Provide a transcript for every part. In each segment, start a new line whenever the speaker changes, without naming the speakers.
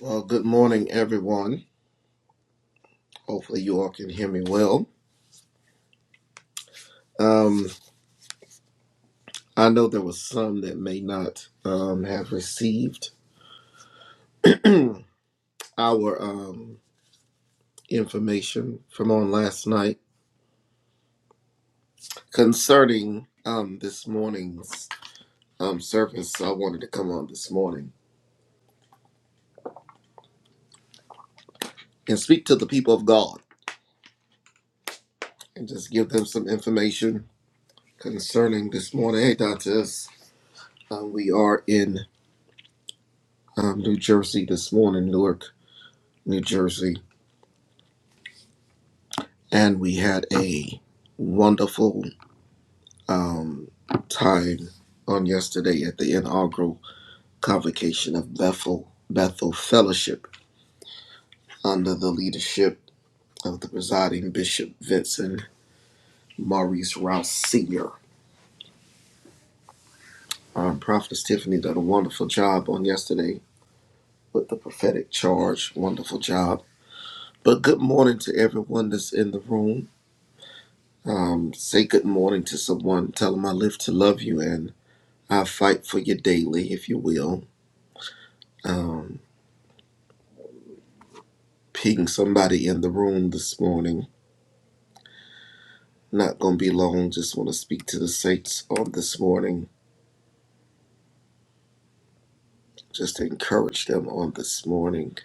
Well, good morning, everyone. Hopefully, you all can hear me well. Um, I know there was some that may not um, have received our um, information from on last night concerning um, this morning's um, service. So I wanted to come on this morning and speak to the people of God and just give them some information concerning this morning. Hey, Dantes, um, we are in um, New Jersey this morning, Newark, New Jersey and we had a wonderful um, time on yesterday at the inaugural convocation of Bethel Bethel Fellowship under the leadership of the presiding Bishop Vincent Maurice Rouse Sr. Um, Prophetess Tiffany did a wonderful job on yesterday with the prophetic charge. Wonderful job. But good morning to everyone that's in the room. Um, say good morning to someone. Tell them I live to love you and I fight for you daily, if you will. um, ping somebody in the room this morning. Not going to be long. Just want to speak to the saints on this morning, just to encourage them on this morning.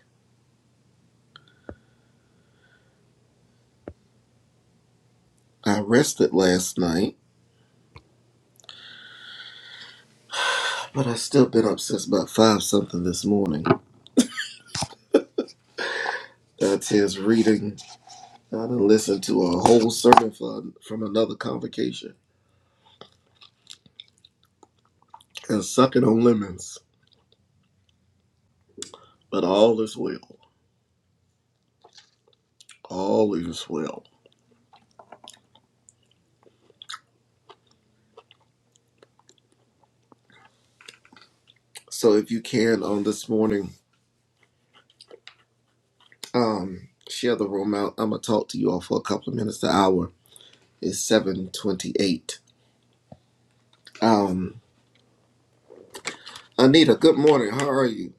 I rested last night, but I still been up since about five something this morning. That's his reading. I done listened to a whole sermon from, from another convocation and sucking on lemons. But all is well. All is well. So if you can on this morning, Um, share the room out. I'm gonna talk to you all for a couple of minutes. The hour is seven twenty-eight. Um, Anita, good morning. How are you?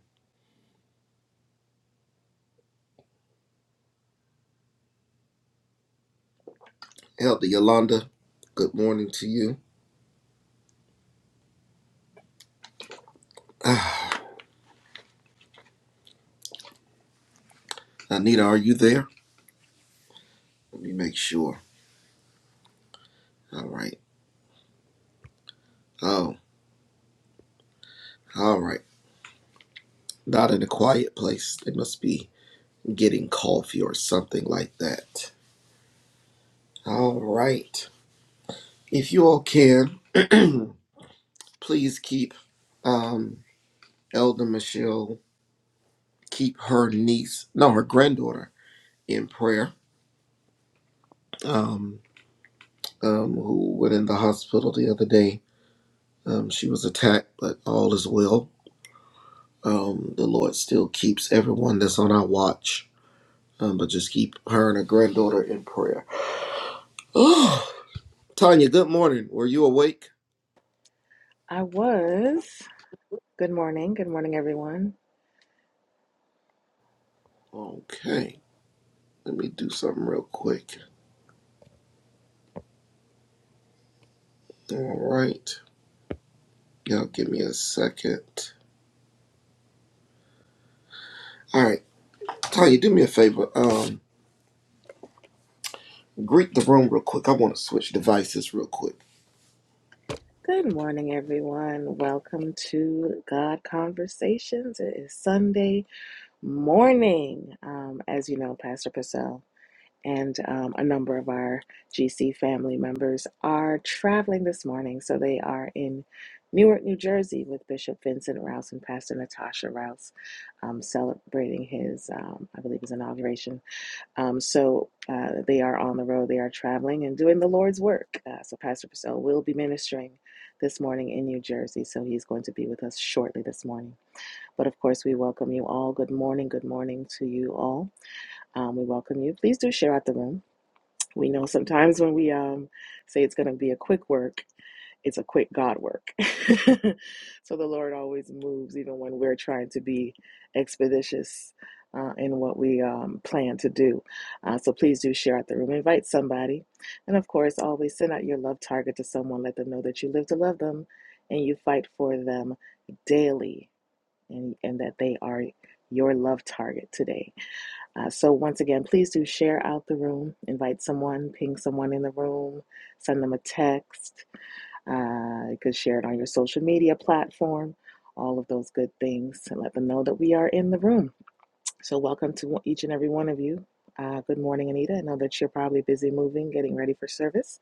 Elder Yolanda, good morning to you. Ah, Anita, are you there? Let me make sure. All right. Oh, all right. Not in a quiet place. They must be getting coffee or something like that. All right. If you all can, please keep um, Elder Michelle keep her niece, no, her granddaughter, in prayer, um, um, who went in the hospital the other day. Um, she was attacked, but all is well. Um, the Lord still keeps everyone that's on our watch, um, but just keep her and her granddaughter in prayer. Oh, Tanya, good morning. Were you awake?
I was. Good morning. Good morning, everyone.
Okay, let me do something real quick. All right, y'all, give me a second. All right, Tanya, do me a favor. Um, greet the room real quick. I want to switch devices real quick.
Good morning, everyone. Welcome to God Conversations. It is Sunday morning, um, as you know, Pastor Purcell and um, a number of our GC family members are traveling this morning. So they are in Newark, New Jersey, with Bishop Vincent Rouse and Pastor Natasha Rouse um, celebrating his, um, I believe, his inauguration Um, so uh, they are on the road, they are traveling and doing the Lord's work. Uh, so Pastor Purcell will be ministering this morning in New Jersey. So he's going to be with us shortly this morning. But of course, we welcome you all. Good morning. Good morning to you all. Um, we welcome you. Please do share out the room. We know sometimes when we um, say it's going to be a quick work, it's a quick God work. so the Lord always moves, even when we're trying to be expeditious uh, in what we um, plan to do. Uh, so please do share out the room, invite somebody. And of course, always send out your love target to someone, let them know that you live to love them and you fight for them daily and, and that they are your love target today. Uh, so once again, please do share out the room, invite someone, ping someone in the room, send them a text uh, you could share it on your social media platform, all of those good things, and let them know that we are in the room. So, welcome to each and every one of you. Uh, good morning, Anita. I know that you're probably busy moving, getting ready for service.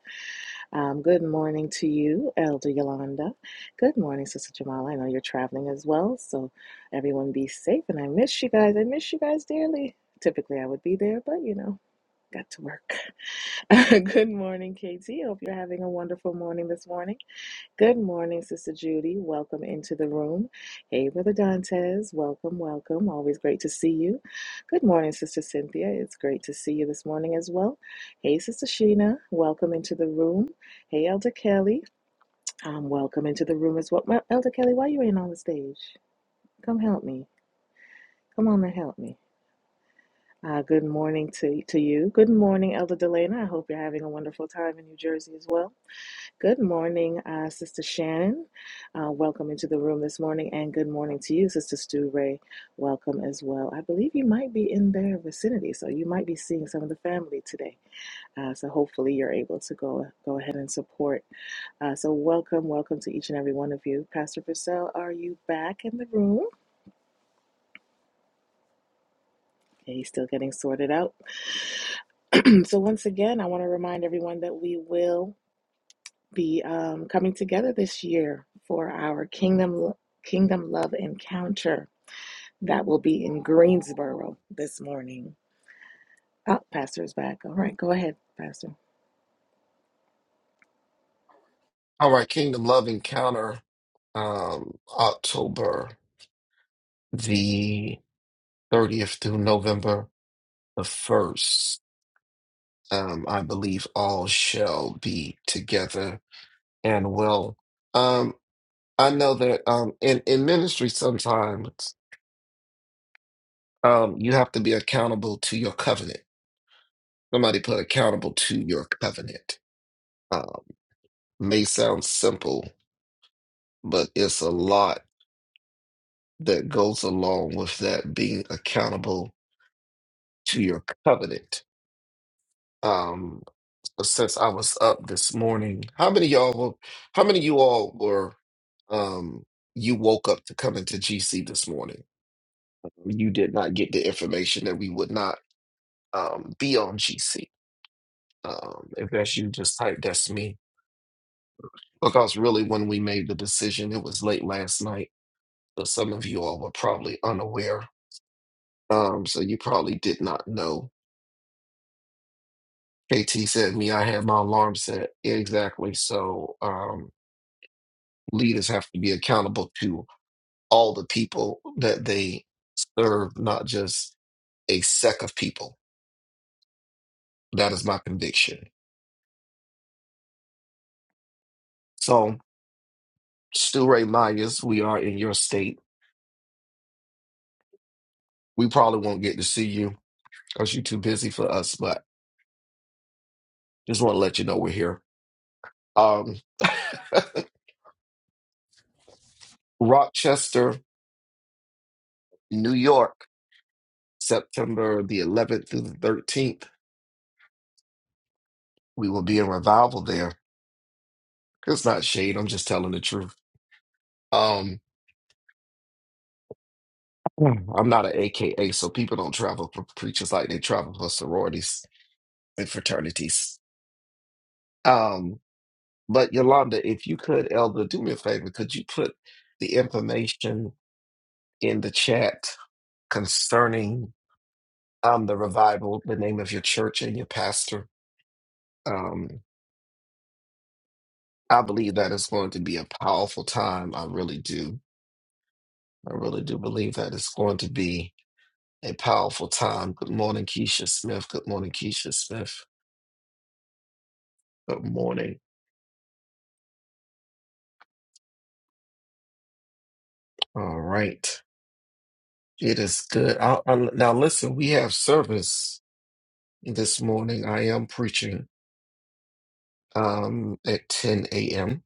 Um, good morning to you, Elder Yolanda. Good morning, Sister Jamala. I know you're traveling as well, so everyone be safe. And I miss you guys. I miss you guys dearly. Typically, I would be there, but you know, got to work. good morning, Katie. Hope you're having a wonderful morning this morning. Good morning, Sister Judy. Welcome into the room. Hey, Brother Dantes. Welcome, welcome. Always great to see you. Good morning, Sister Cynthia. It's great to see you this morning as well. Hey, Sister Sheena. Welcome into the room. Hey, Elder Kelly. Um, welcome into the room as well. Well, Elder Kelly, why you ain't on the stage? Come help me. Come on and help me. Uh, good morning to, to you. Good morning, Elder Delana. I hope you're having a wonderful time in New Jersey as well. Good morning, uh, Sister Shannon. Uh, welcome into the room this morning, and good morning to you, Sister Stu Ray. Welcome as well. I believe you might be in their vicinity, so you might be seeing some of the family today. Uh, so hopefully, you're able to go go ahead and support. Uh, so welcome, welcome to each and every one of you. Pastor Purcell, are you back in the room? Okay, he's still getting sorted out. so once again, I want to remind everyone that we will. be um, coming together this year for our Kingdom Kingdom Love Encounter that will be in Greensboro this morning. Oh, Pastor's back. All right, go ahead, Pastor.
All right, Kingdom Love Encounter, um, October the 30th through November the 1st. Um, I believe all shall be together and well. Um, I know that um, in, in ministry, sometimes um, you have to be accountable to your covenant. Somebody put accountable to your covenant. Um, may sound simple, but it's a lot that goes along with that being accountable to your covenant. Um, since I was up this morning, how many y'all? were- How many you all were? Um, you woke up to come into GC this morning. You did not get the information that we would not um, be on GC. Um, if that's you, just type that's me. Because really, when we made the decision, it was late last night. So some of you all were probably unaware. Um, so you probably did not know. KT said me, I had my alarm set. Exactly. So um leaders have to be accountable to all the people that they serve, not just a sect of people. That is my conviction. So, Stu Ray Myers, we are in your state. We probably won't get to see you because you're too busy for us, but just want to let you know we're here. Um, Rochester, New York, September the 11th through the 13th. We will be in revival there. It's not shade. I'm just telling the truth. Um, I'm not an AKA, so people don't travel for preachers like they travel for sororities and fraternities. Um, but Yolanda, if you could, Elder, do me a favor. Could you put the information in the chat concerning um, the revival, the name of your church and your pastor? Um, I believe that is going to be a powerful time. I really do. I really do believe that it's going to be a powerful time. Good morning, Keisha Smith. Good morning, Keisha Smith. Good morning. All right. It is good. I, I, now, listen, we have service this morning. I am preaching um, at 10 a.m.,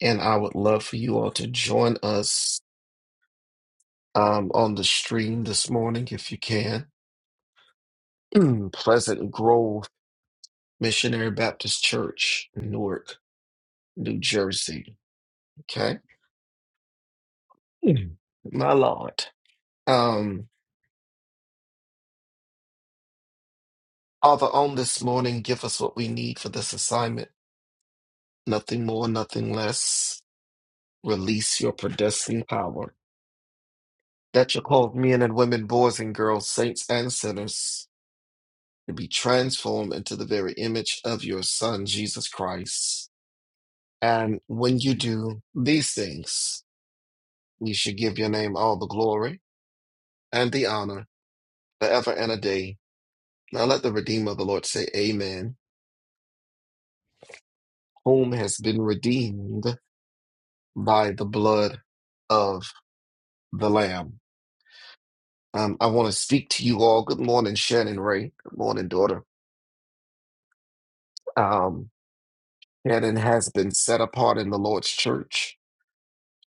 and I would love for you all to join us um, on the stream this morning if you can. Pleasant Grove Missionary Baptist Church, Newark, New Jersey. Okay. Mm. My Lord. Um, Father, on this morning, give us what we need for this assignment. Nothing more, nothing less. Release your predestined power that you called men and women, boys and girls, saints and sinners to be transformed into the very image of your Son, Jesus Christ. And when you do these things, we should give your name all the glory and the honor forever and a day. Now let the Redeemer of the Lord say, Amen, whom has been redeemed by the blood of the Lamb. Um, I want to speak to you all. Good morning, Shannon Ray. Good morning, daughter. Um, Shannon has been set apart in the Lord's church.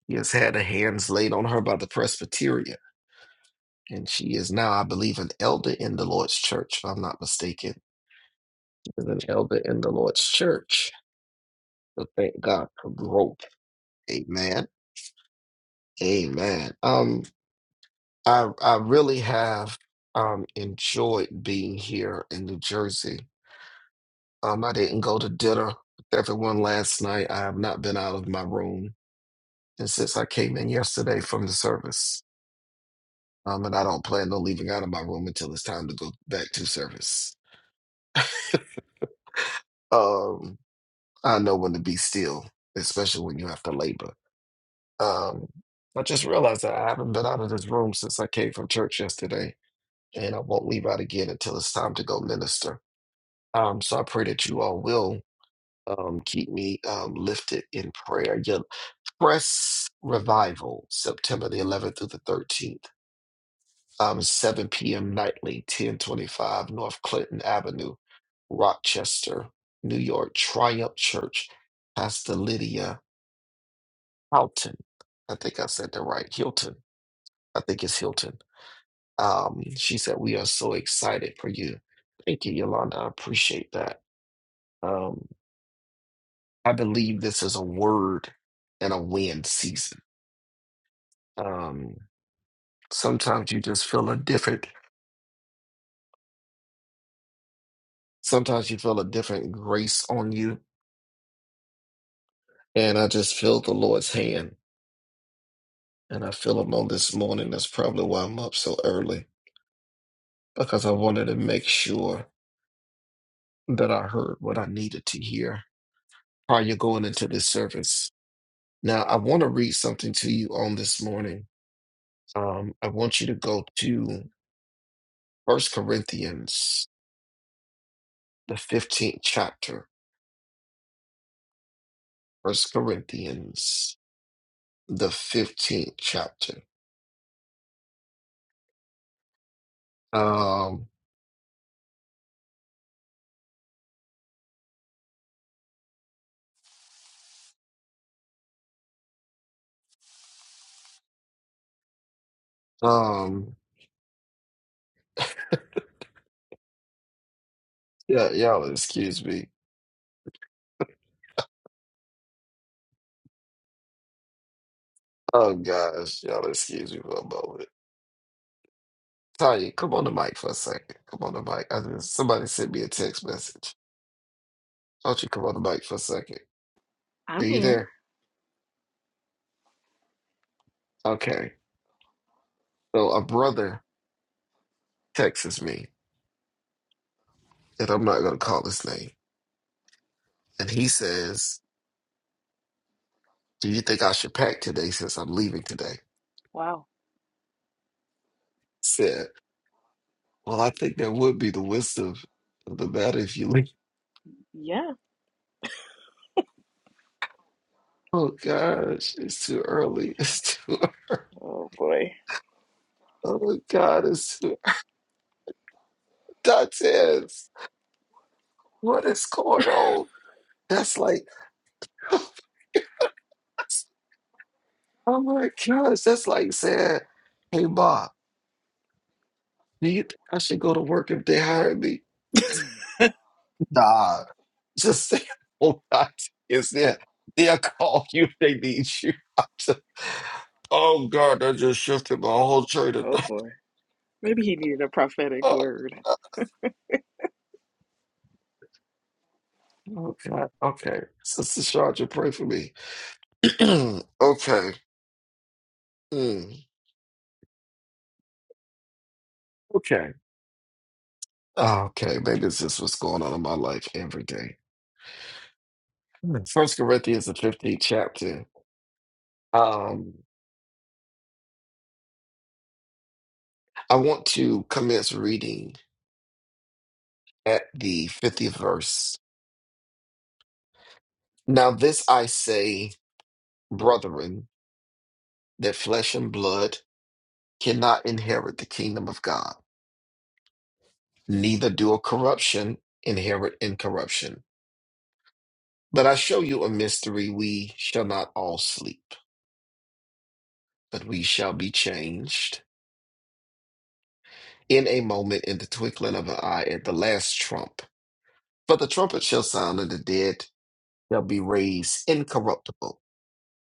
He has had her hands laid on her by the Presbyterian, and she is now, I believe, an elder in the Lord's church, if I'm not mistaken. She is an elder in the Lord's church. So thank God for growth. Amen. Amen. Um, I I really have um enjoyed being here in New Jersey. Um, I didn't go to dinner with everyone last night. I have not been out of my room and since I came in yesterday from the service. Um, and I don't plan on leaving out of my room until it's time to go back to service. Um, I know when to be still, especially when you have to labor. Um, I just realized that I haven't been out of this room since I came from church yesterday, and I won't leave out again until it's time to go minister. Um, so I pray that you all will um, keep me um, lifted in prayer. Your press revival, September the 11th through the 13th. um, 7 p.m. nightly, 1025 North Clinton Avenue, Rochester, New York, Triumph Church, Pastor Lydia Houghton. I think I said that right. Hilton. I think it's Hilton. Um, she said, We are so excited for you. Thank you, Yolanda. I appreciate that. Um, I believe this is a word and a win season. Um, sometimes you just feel a different, sometimes you feel a different grace on you And I just feel the Lord's hand. And I feel him on this morning. That's probably why I'm up so early. Because I wanted to make sure that I heard what I needed to hear prior to going into this service. Now I want to read something to you on this morning. Um, I want you to go to First Corinthians, the 15th chapter. First Corinthians, the 15th chapter. Um, um, yeah, y'all excuse me. Oh gosh, y'all excuse me for a moment. Tanya, come on the mic for a second. Come on the mic. I just, somebody sent me a text message. Why don't you come on the mic for a second?
I'm
Are you
here.
there? Okay. So a brother texts me, and I'm not gonna call his name. And he says, Do you think I should pack today since I'm leaving today?
Wow.
Said, Well, I think that would be the wisdom of the matter if you leave.
Yeah.
Oh gosh, it's too early. It's too early.
Oh boy.
Oh my god, it's too Dante. What is going on? That's like, oh my gosh, that's like saying, hey, Ma, do you think I should go to work if they hire me? Nah, just say, oh, God, is there? They'll call you if they need you. I'm just- oh, God, that just shifted my whole train of
Oh
thought.
boy. Maybe he needed a prophetic word.
Oh, God. Okay. Sister Sharja, pray for me. okay. Mm. Okay. Okay. Maybe this is what's going on in my life every day. Hmm. First Corinthians, the 15th chapter. Um, I want to commence reading at the 50th verse. Now, this I say, brethren, that flesh and blood cannot inherit the kingdom of God, neither do corruption inherit incorruption. But I show you a mystery. We shall not all sleep, but we shall be changed in a moment, in the twinkling of an eye, at the last trump. For the trumpet shall sound, and the dead. shall be raised incorruptible,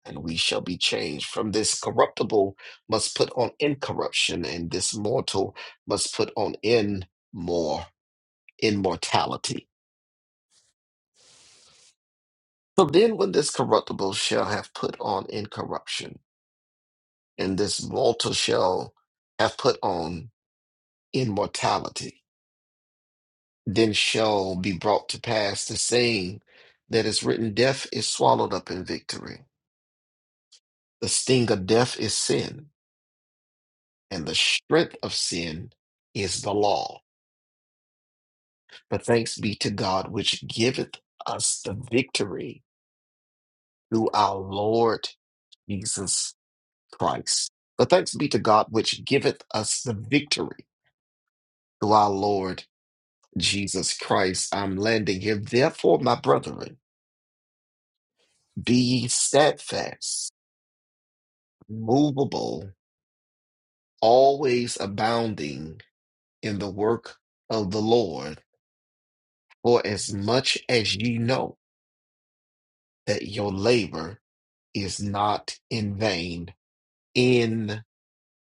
and we shall be changed. From this corruptible must put on incorruption, and this mortal must put on in more immortality. So then, when this corruptible shall have put on incorruption, and this mortal shall have put on immortality, then shall be brought to pass the saying that is written: Death is swallowed up in victory. The sting of death is sin and the strength of sin is the law. But thanks be to God, which giveth us the victory through our Lord Jesus Christ. But thanks be to God, which giveth us the victory through our Lord Jesus Christ. I'm landing here. Therefore, my brethren, be ye steadfast, movable, always abounding in the work of the Lord, for as much as ye know that your labor is not in vain in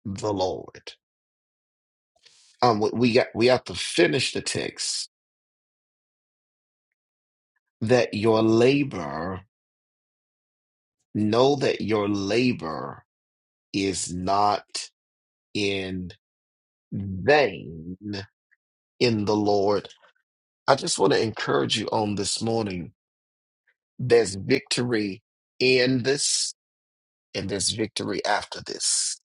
the Lord. Um, we we got we have to finish the text that your labor know that your labor is not in vain in the Lord. I just want to encourage you on this morning. There's victory in this, and there's victory after this.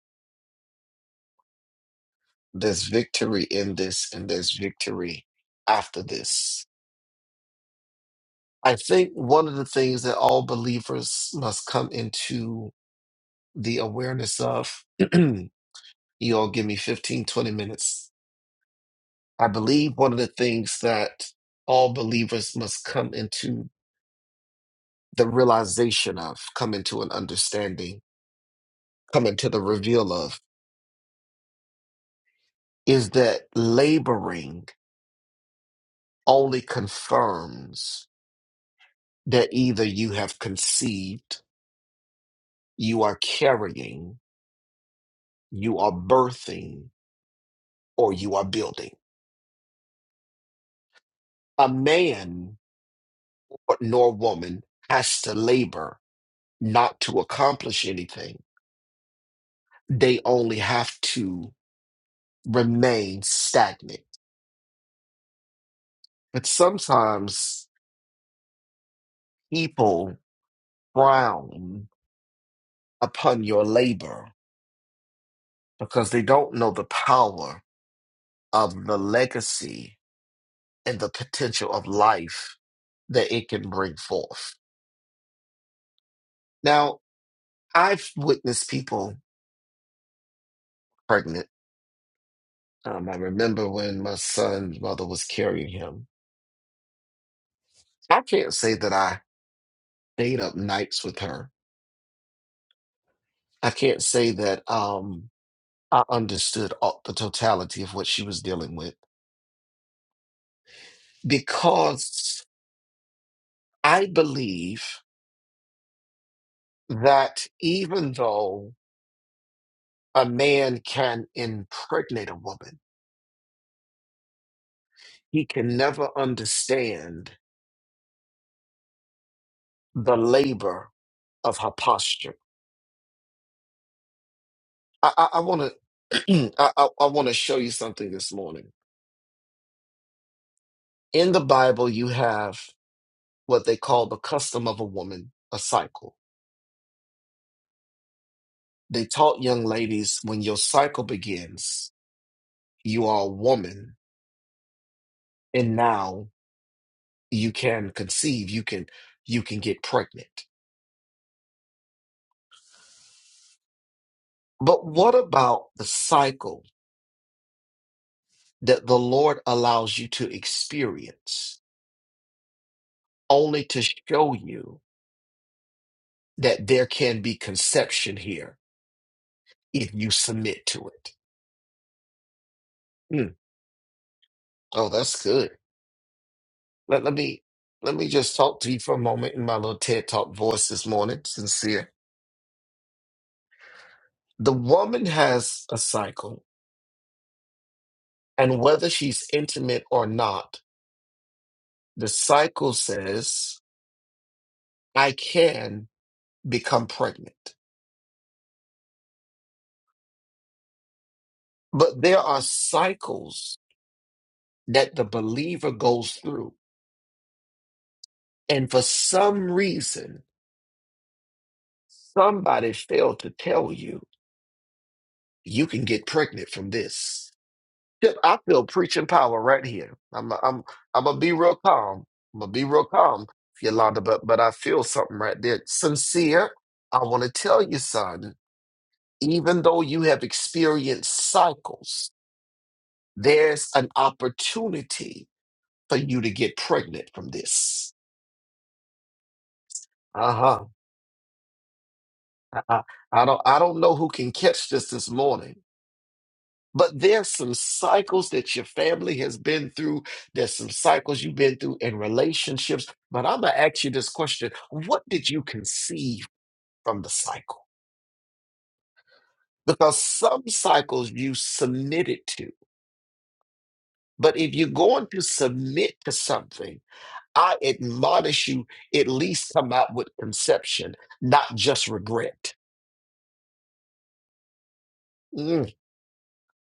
There's victory in this, and there's victory after this I think one of the things that all believers must come into the awareness of, you all give me fifteen, twenty minutes. I believe one of the things that all believers must come into the realization of, come into an understanding, come into the reveal of, is that laboring only confirms that either you have conceived, you are carrying, you are birthing, or you are building A man or- nor woman has to labor not to accomplish anything. They only have to remain stagnant. But sometimes people frown upon your labor because they don't know the power of the legacy and the potential of life that it can bring forth. Now, I've witnessed people pregnant. Um, I remember when my son's mother was carrying him I can't say that I stayed up nights with her. I can't say that um, I understood all, the totality of what she was dealing with because I believe that even though a man can impregnate a woman, he can never understand the labor of her posture. I, I, I want to. I, I, I want to show you something this morning. In the Bible, you have what they call the custom of a woman, a cycle. They taught young ladies when your cycle begins, you are a woman, and now you can conceive, you can you can get pregnant. But what about the cycle that the Lord allows you to experience only to show you that there can be conception here if you submit to it? Mm. Oh, that's good. Let, let me let me just talk to you for a moment in my little TED Talk voice this morning, sincere. The woman has a cycle And whether she's intimate or not, the cycle says, I can become pregnant. But there are cycles that the believer goes through. And for some reason, somebody failed to tell you, you can get pregnant from this. Chip, I feel preaching power right here. I'm, I'm, I'm going to be real calm. I'm going to be real calm, Yolanda, but, but I feel something right there. Sincere, I want to tell you, son. even though you have experienced cycles, there's an opportunity for you to get pregnant from this. Uh-huh. I, I don't I don't know who can catch this this morning. But there's some cycles that your family has been through. There's some cycles you've been through in relationships. But I'm going to ask you this question What did you conceive from the cycle? Because some cycles you submitted to. But if you're going to submit to something, I admonish you, at least come out with conception, not just regret. Mm.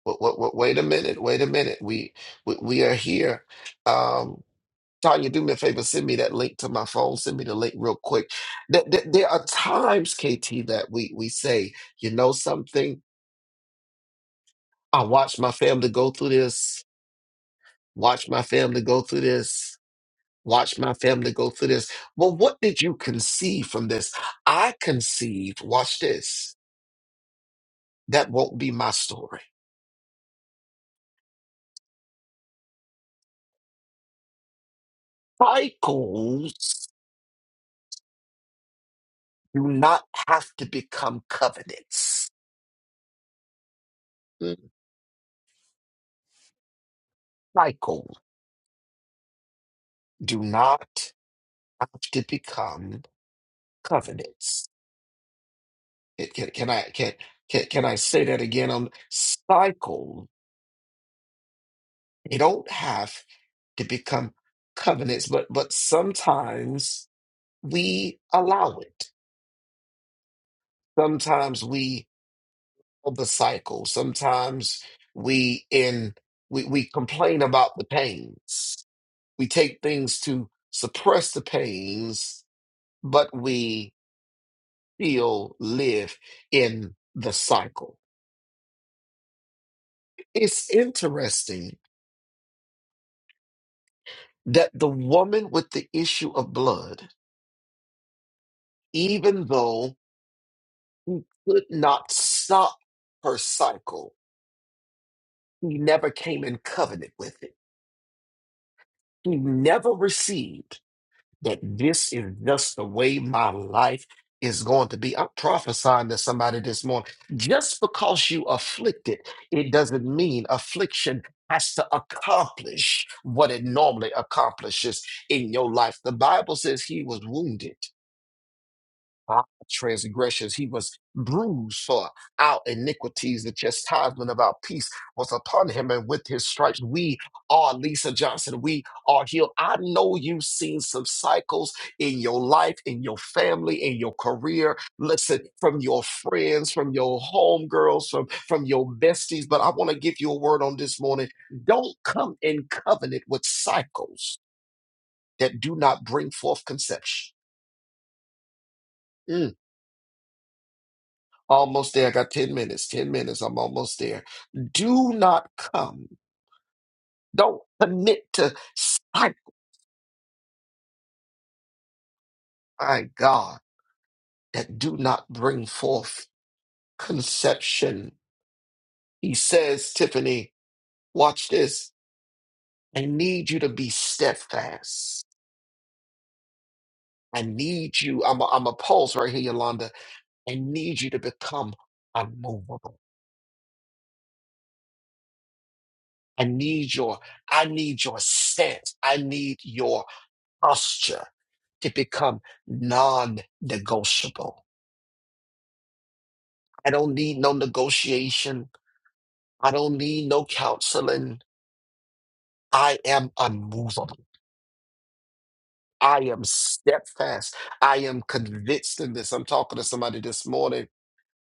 Wait, wait, wait, wait a minute. Wait a minute. We we, we are here. Um, Tanya, do me a favor. Send me that link to my phone. Send me the link real quick. Th- th- there are times, KT, that we we say, you know something. I watched my family go through this. Watch my family go through this. Watch my family go through this. Well, what did you conceive from this? I conceived. Watch this. That won't be my story. Cycles do not have to become covenants. Cycles do not have to become covenants. It- Can, can I can, can can I say that again? On cycles, they don't have to become covenants, but but sometimes we allow it. Sometimes we of the cycle. Sometimes we in we, we complain about the pains. We take things to suppress the pains, but we still live in the cycle. It's interesting that the woman with the issue of blood, even though could not stop her cycle, he never came in covenant with it. He never received that this is just the way my life is going to be. I'm prophesying to somebody this morning. Just because you afflicted, it doesn't mean affliction has to accomplish what it normally accomplishes in your life. The Bible says he was wounded our transgressions. He was bruised for our iniquities. The chastisement of our peace was upon him, and with his stripes, we are Lisa Johnson. We are healed. I know you've seen some cycles in your life, in your family, in your career. Listen, from your friends, from your homegirls, from, from your besties. But I want to give you a word on this morning. Don't come in covenant with cycles that do not bring forth conception. Mm. Almost there. I got 10 minutes. 10 minutes. I'm almost there. Do not come. Don't commit to sight, my God, that do not bring forth conception. He says, Tiffany, watch this. I need you to be steadfast. I need you. I'm a, I'm a pause right here, Yolanda. I need you to become unmovable. I need your, I need your stance. I need your posture. to become non negotiable. I don't need no negotiation. I don't need no counseling. I am unmovable. I am steadfast. I am convinced in this. I'm talking to somebody this morning.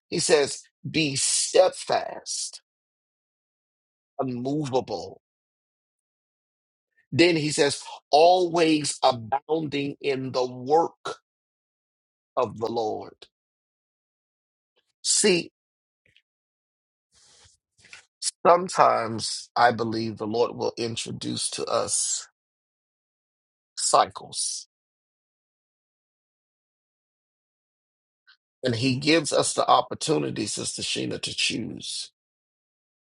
He says, Be steadfast, unmovable. Then he says, Always abounding in the work of the Lord. See, sometimes I believe the Lord will introduce to us cycles And he gives us the opportunity, Sister Sheena, to choose.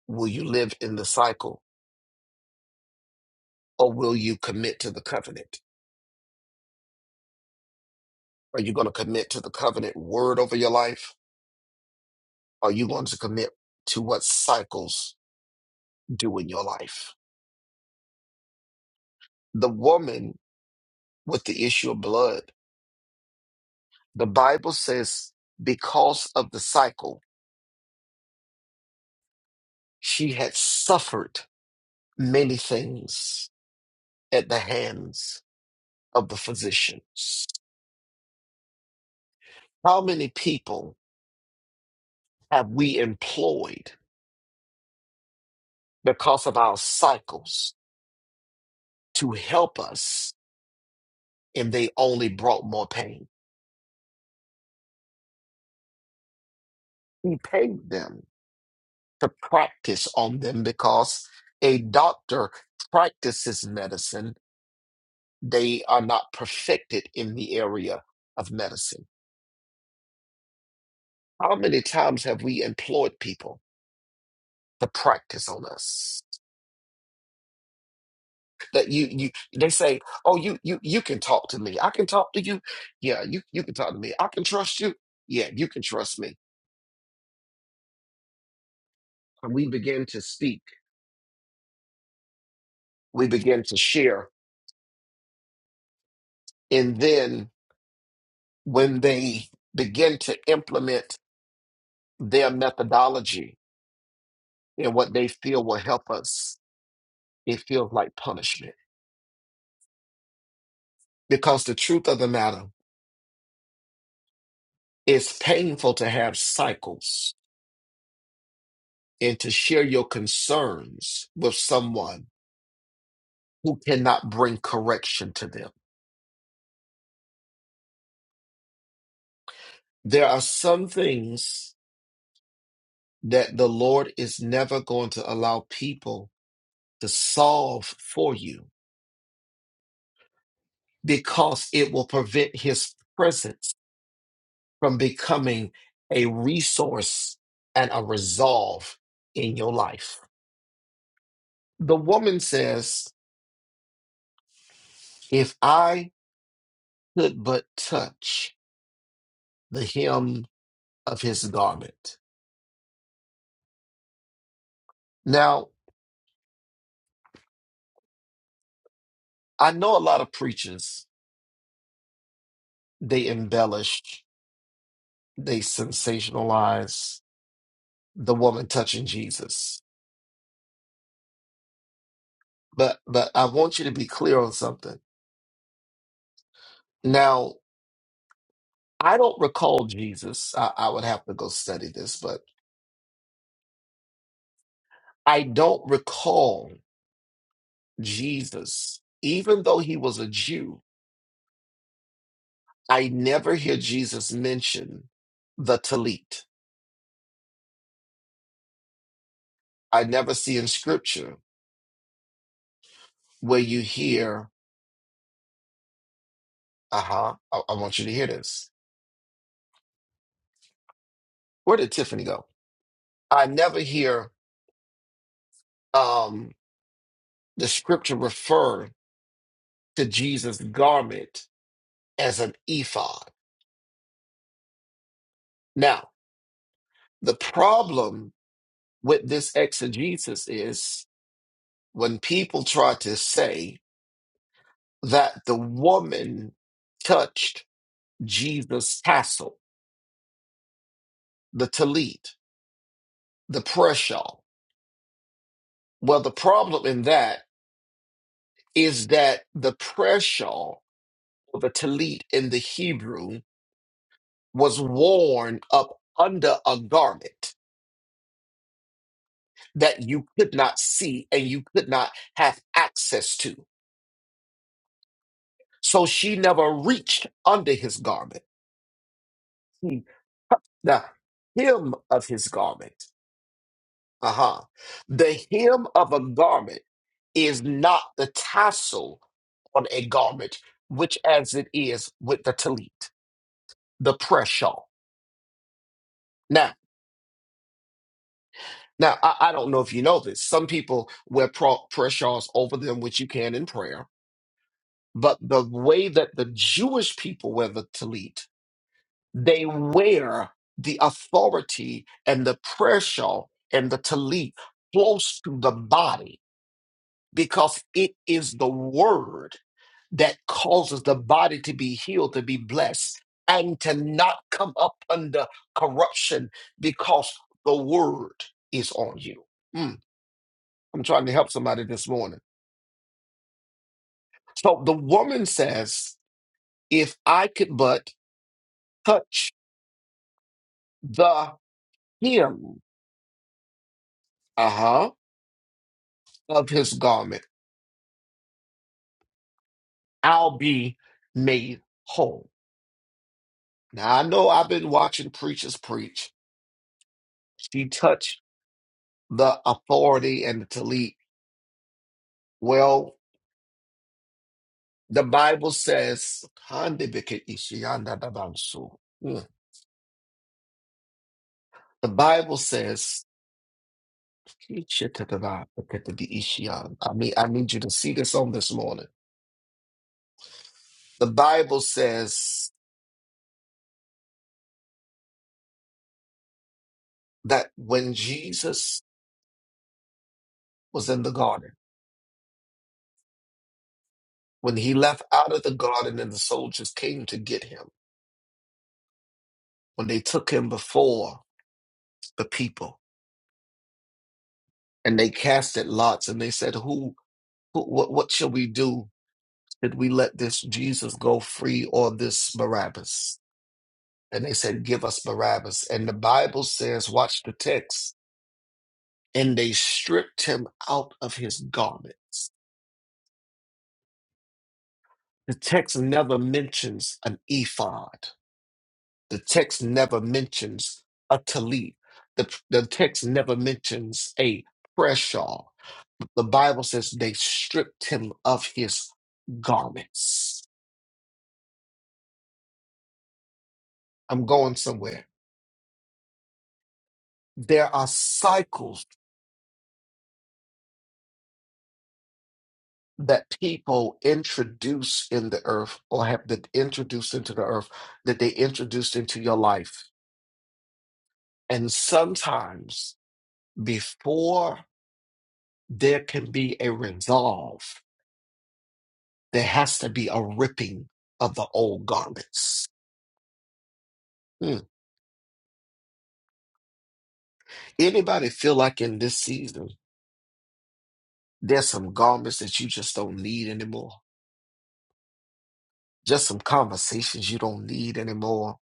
Will you live in the cycle or will you commit to the covenant? Are you going to commit to the covenant word over your life? Are you going to commit to what cycles do in your life? The woman with the issue of blood, the Bible says, because of the cycle, she had suffered many things at the hands of the physicians. How many people have we employed? because of our cycles to help us, and they only brought more pain. He paid them to practice on them because a doctor practices medicine, they are not perfected in the area of medicine. How many times have we employed people to practice on us? That you you they say, Oh, you you you can talk to me. I can talk to you. Yeah, you you can talk to me. I can trust you. Yeah, you can trust me. And we begin to speak. we begin to share. And then when they begin to implement their methodology and what they feel will help us, it feels like punishment. Because the truth of the matter, it's painful to have cycles and to share your concerns with someone who cannot bring correction to them. There are some things that the Lord is never going to allow people to solve for you because it will prevent his presence from becoming a resource and a resolve in your life. The woman says, If I could but touch the hem of his garment. Now, I know a lot of preachers, they embellish, they sensationalize the woman touching Jesus. But but I want you to be clear on something. Now, I don't recall Jesus. I, I would have to go study this, but I don't recall Jesus, even though he was a Jew. I never hear Jesus mention the talit. I never see in scripture where you hear, uh huh, I, I want you to hear this. Where did Tiffany go? I never hear um, the scripture refer to Jesus' garment as an ephod. Now, the problem with this exegesis is when people try to say that the woman touched Jesus' tassel, the talit, the prayer shawl. Well, the problem in that is that the prayer shawl, or the talit in the Hebrew, was worn up under a garment that you could not see and you could not have access to. So she never reached under his garment. She touched the hem of his garment. Uh-huh. The hem of a garment is not the tassel on a garment, which as it is with the talit, the press shawl. Now, now I, I don't know if you know this. Some people wear pro- press shawls over them, which you can in prayer. But the way that the Jewish people wear the talit, they wear the authority and the prayer shawl and the talit close to the body because it is the word that causes the body to be healed, to be blessed, and to not come up under corruption because the word is on you. Mm, I'm trying to help somebody this morning. So the woman says, If I could but touch the hem uh-huh, of his garment, I'll be made whole. Now, I know I've been watching preachers preach. She touched the authority and the talit. Well, the Bible says, "Handibike ishiyanda dabansu." Hmm. the Bible says, "Ichitadabaketadi ishiyan." I mean, I need you to see this on this morning. The Bible says that when Jesus was in the garden, when he left out of the garden and the soldiers came to get him, when they took him before the people and they casted lots and they said, who, who what, what shall we do? Did we let this Jesus go free or this Barabbas? And they said, Give us Barabbas. And the Bible says, Watch the text. And they stripped him out of his garments. The text never mentions an ephod, the text never mentions a tallit, the, the text never mentions a prayer shawl. The Bible says they stripped him of his garments. I'm going somewhere. There are cycles that people introduce in the earth or have been introduced into the earth that they introduced into your life. And sometimes before there can be a resolve, there has to be a ripping of the old garments. Hmm. Anybody feel like in this season, there's some garments that you just don't need anymore? Just some conversations you don't need anymore?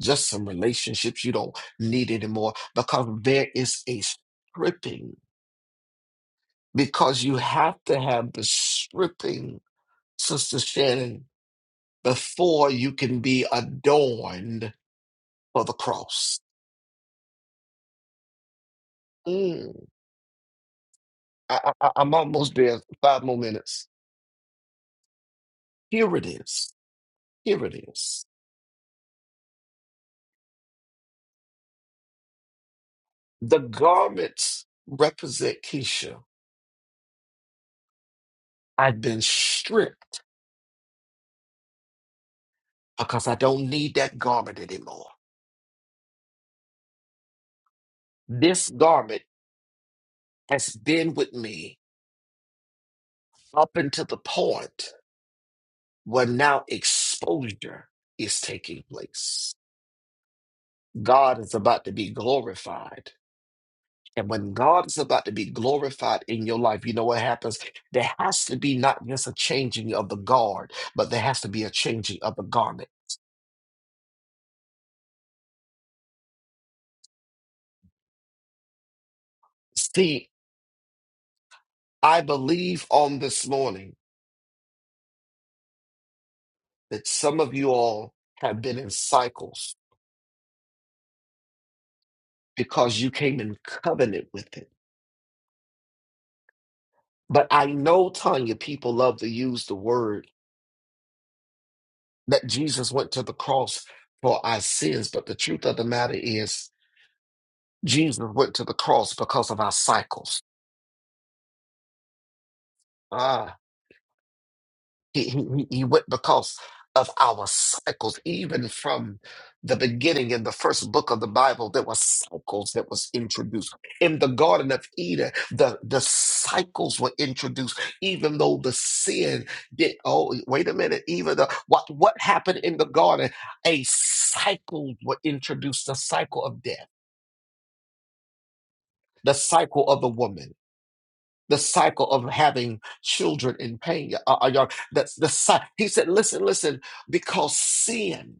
Just some relationships you don't need anymore? Because there is a stripping because you have to have the stripping, Sister Shannon, before you can be adorned for the cross. Mm. I, I, I'm almost there. Five more minutes. Here it is. Here it is. The garments represent Keisha. I've been stripped because I don't need that garment anymore. This garment has been with me up until the point where now exposure is taking place God is about to be glorified. And when God is about to be glorified in your life, you know what happens? There has to be not just a changing of the guard, but there has to be a changing of the garment. See, I believe on this morning that some of you all have been in cycles because you came in covenant with it. But I know, Tanya, people love to use the word that Jesus went to the cross for our sins. But the truth of the matter is, Jesus went to the cross because of our cycles. Ah, he, he, he he went because of our cycles, even from the beginning in the first book of the Bible, there were cycles that was introduced. In the Garden of Eden, the, the cycles were introduced, even though the sin did oh wait a minute, even the what what happened in the garden, a cycle were introduced, the cycle of death, the cycle of the woman the cycle of having children in pain. Uh, uh, y'all, that's the cycle. He said, listen, listen, because sin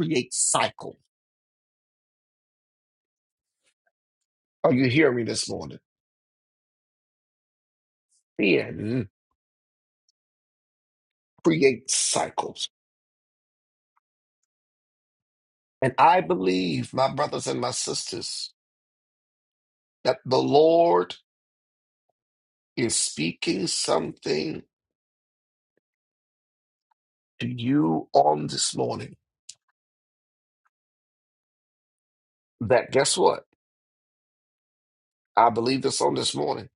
creates cycles. Are you hearing me this morning? Sin creates cycles. And I believe, my brothers and my sisters, that the Lord is speaking something to you on this morning. That guess what? I believe this on this morning.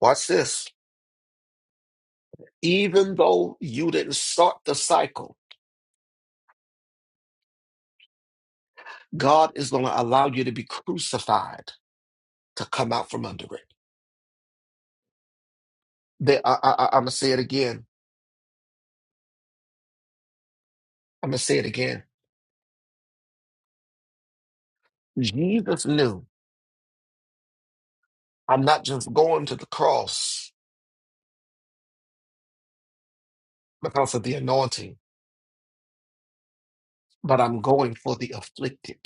Watch this. Even though you didn't start the cycle, God is going to allow you to be crucified to come out from under it. They, I, I, I'm going to say it again. I'm going to say it again. Jesus knew I'm not just going to the cross because of the anointing, but I'm going for the afflicted.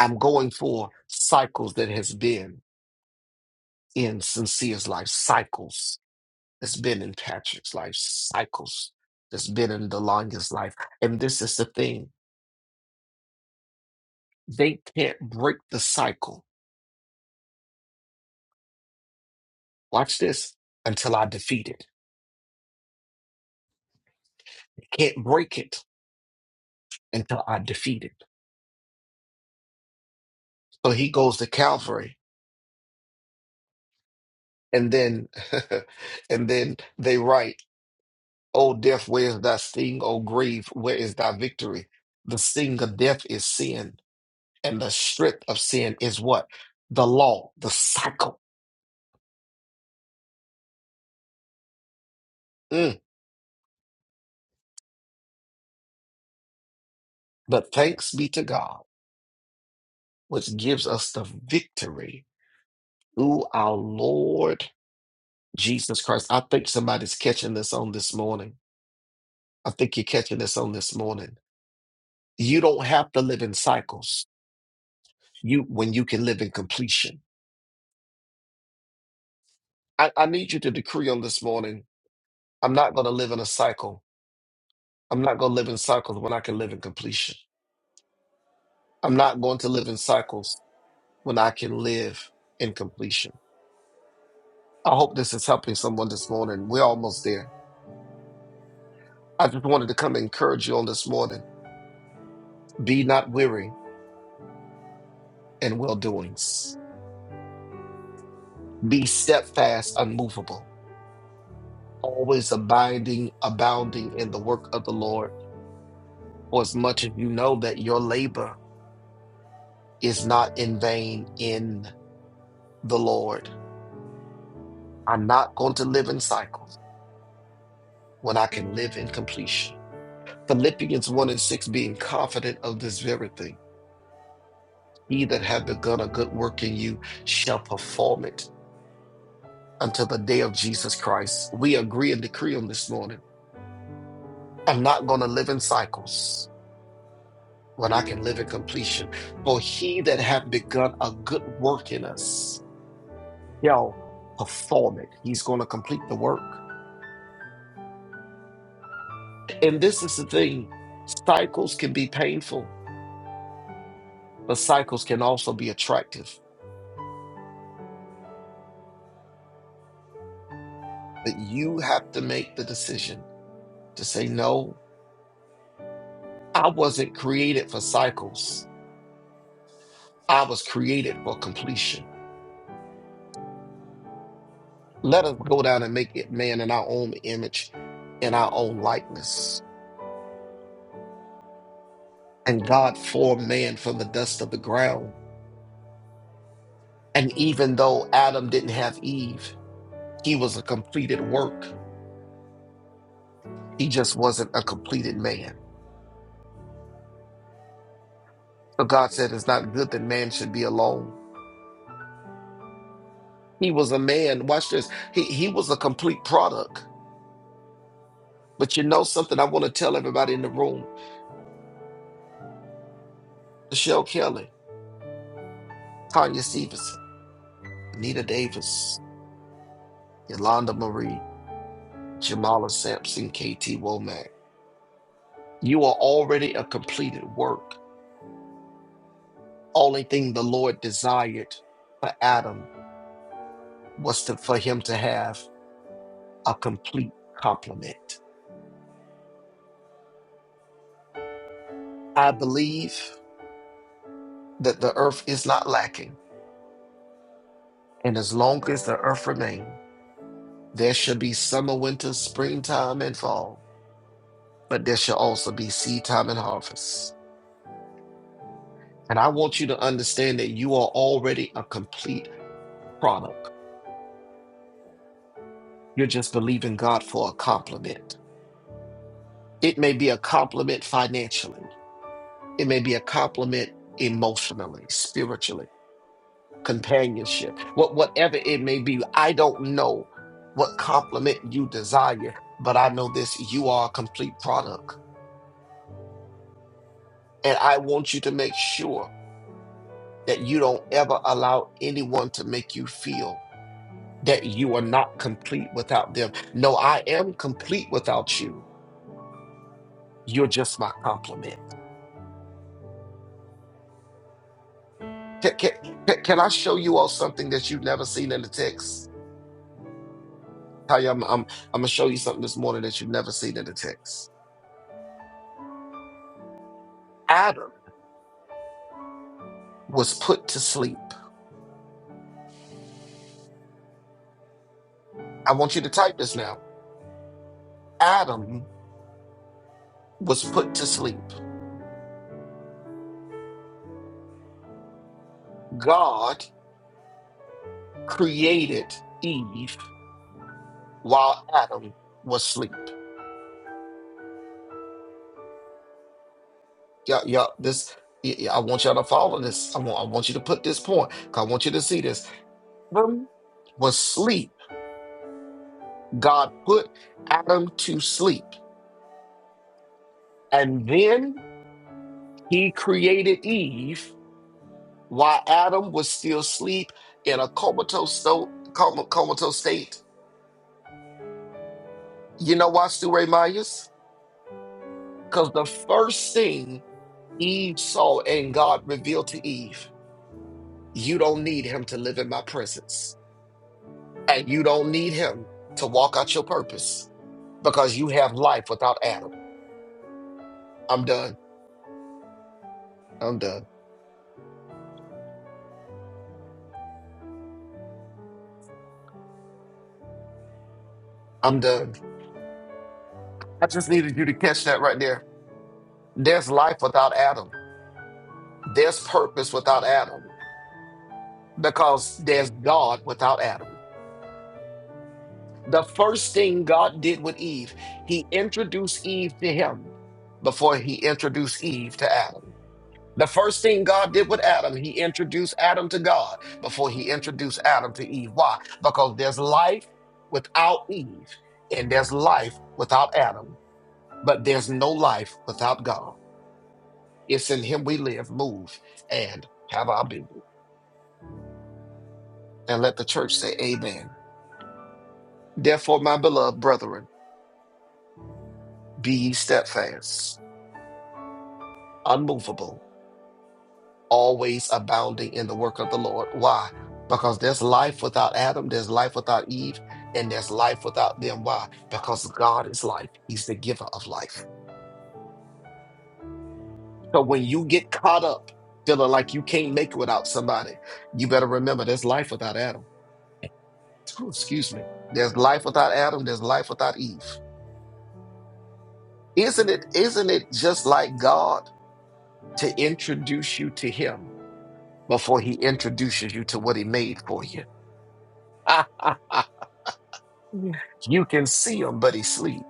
I'm going for cycles that has been in Sincere's life, cycles that's been in Patrick's life, cycles that's been in Delonga's life. And this is the thing. They can't break the cycle. Watch this until I defeat it. can't break it until I defeat it. So he goes to Calvary, and then, and then they write, "O death, where is thy sting? O grave, where is thy victory?" The sting of death is sin, and the strength of sin is what the law, the cycle. Mm. But thanks be to God, which gives us the victory through our Lord Jesus Christ. I think somebody's catching this on this morning. I think you're catching this on this morning You don't have to live in cycles. You when you can live in completion. I, I need you to decree on this morning. I'm not going to live in a cycle. I'm not going to live in cycles when I can live in completion. I'm not going to live in cycles when I can live in completion. I hope this is helping someone this morning. We're almost there. I just wanted to come encourage you on this morning. Be not weary in well doings. Be steadfast, unmovable, always abiding, abounding in the work of the Lord or as much as you know that your labor is not in vain in the Lord. I'm not going to live in cycles when I can live in completion. Philippians 1 and 6 being confident of this very thing. He that hath begun a good work in you shall perform it until the day of Jesus Christ. We agree and decree on this morning. I'm not going to live in cycles when I can live in completion. For he that hath begun a good work in us He'll perform it. He's going to complete the work. And this is the thing cycles can be painful, but cycles can also be attractive. But you have to make the decision to say, no, I wasn't created for cycles, I was created for completion. Let us go down and make it man in our own image, in our own likeness. And God formed man from the dust of the ground. And even though Adam didn't have Eve, he was a completed work He just wasn't a completed man. But God said it's not good that man should be alone. He was a man. Watch this. He he was a complete product. But you know something I want to tell everybody in the room. Michelle Kelly, Tanya Stevenson, Anita Davis, Yolanda Marie, Jamala Sampson, KT Womack. You are already a completed work. Only thing the Lord desired for Adam was to, for him to have a complete complement. I believe that the earth is not lacking. And as long as the earth remains, there shall be summer, winter, springtime, and fall, but there shall also be seed time and harvest. And I want you to understand that you are already a complete product. You're just believing God for a compliment. It may be a compliment financially, it may be a compliment emotionally, spiritually. companionship, what whatever it may be. I don't know what compliment you desire, but I know this: you are a complete product, and I want you to make sure that you don't ever allow anyone to make you feel that you are not complete without them. No, I am complete without you. You're just my compliment. Can, can, can can I show you all something that you've never seen in the text? Tell you, I'm, I'm, I'm gonna show you something this morning that you've never seen in the text. Adam. was put to sleep. I want you to type this now. Adam was put to sleep. God created Eve while Adam was asleep. Yeah, yeah. This y- y- I want y'all to follow this. I want I want you to put this point. 'cause I want you to see this. Adam was sleep. God put Adam to sleep. And then he created Eve while Adam was still asleep in a comatose, sto- coma- comatose state You know why, Stu Ray Myers? Because the first thing Eve saw and God revealed to Eve, you don't need him to live in my presence. And you don't need him to walk out your purpose because you have life without Adam. I'm done. I'm done. I'm done. I just needed you to catch that right there. There's life without Adam. There's purpose without Adam because there's God without Adam. The first thing God did with Eve, he introduced Eve to him before he introduced Eve to Adam. The first thing God did with Adam, he introduced Adam to God before he introduced Adam to Eve. Why? Because there's life without Eve and there's life without Adam, but there's no life without God. It's in him we live, move, and have our being. And let the church say, Amen. Therefore, my beloved brethren, be ye steadfast, unmovable always abounding in the work of the Lord. Why? Because there's life without Adam, there's life without Eve, and there's life without them. Why? Because God is life, He's the giver of life. So when you get caught up feeling like you can't make it without somebody, you better remember there's life without Adam. excuse me. There's life without Adam, there's life without Eve. Isn't it, isn't it just like God to introduce you to Him before He introduces you to what He made for you? You can see him, but he sleep.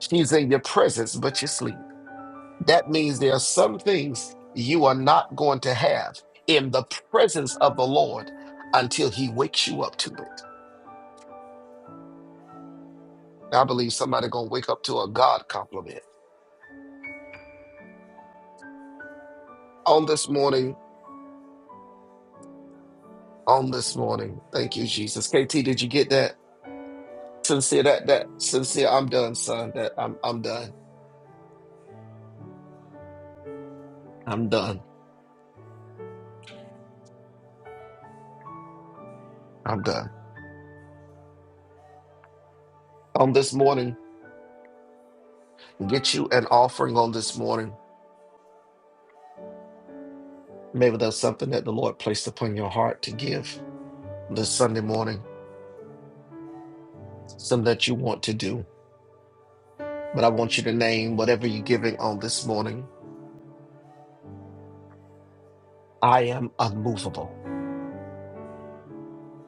She's in your presence, but you sleep. That means there are some things you are not going to have in the presence of the Lord until he wakes you up to it. I believe somebody gonna wake up to a God compliment. On this morning, on this morning. Thank you, Jesus. KT, did you get that? Sincere, that that sincere, I'm done, son. That I'm I'm done. I'm done. I'm done. On this morning, get you an offering on this morning Maybe there's something that the Lord placed upon your heart to give this Sunday morning, something that you want to do. But I want you to name whatever you're giving on this morning. I am unmovable.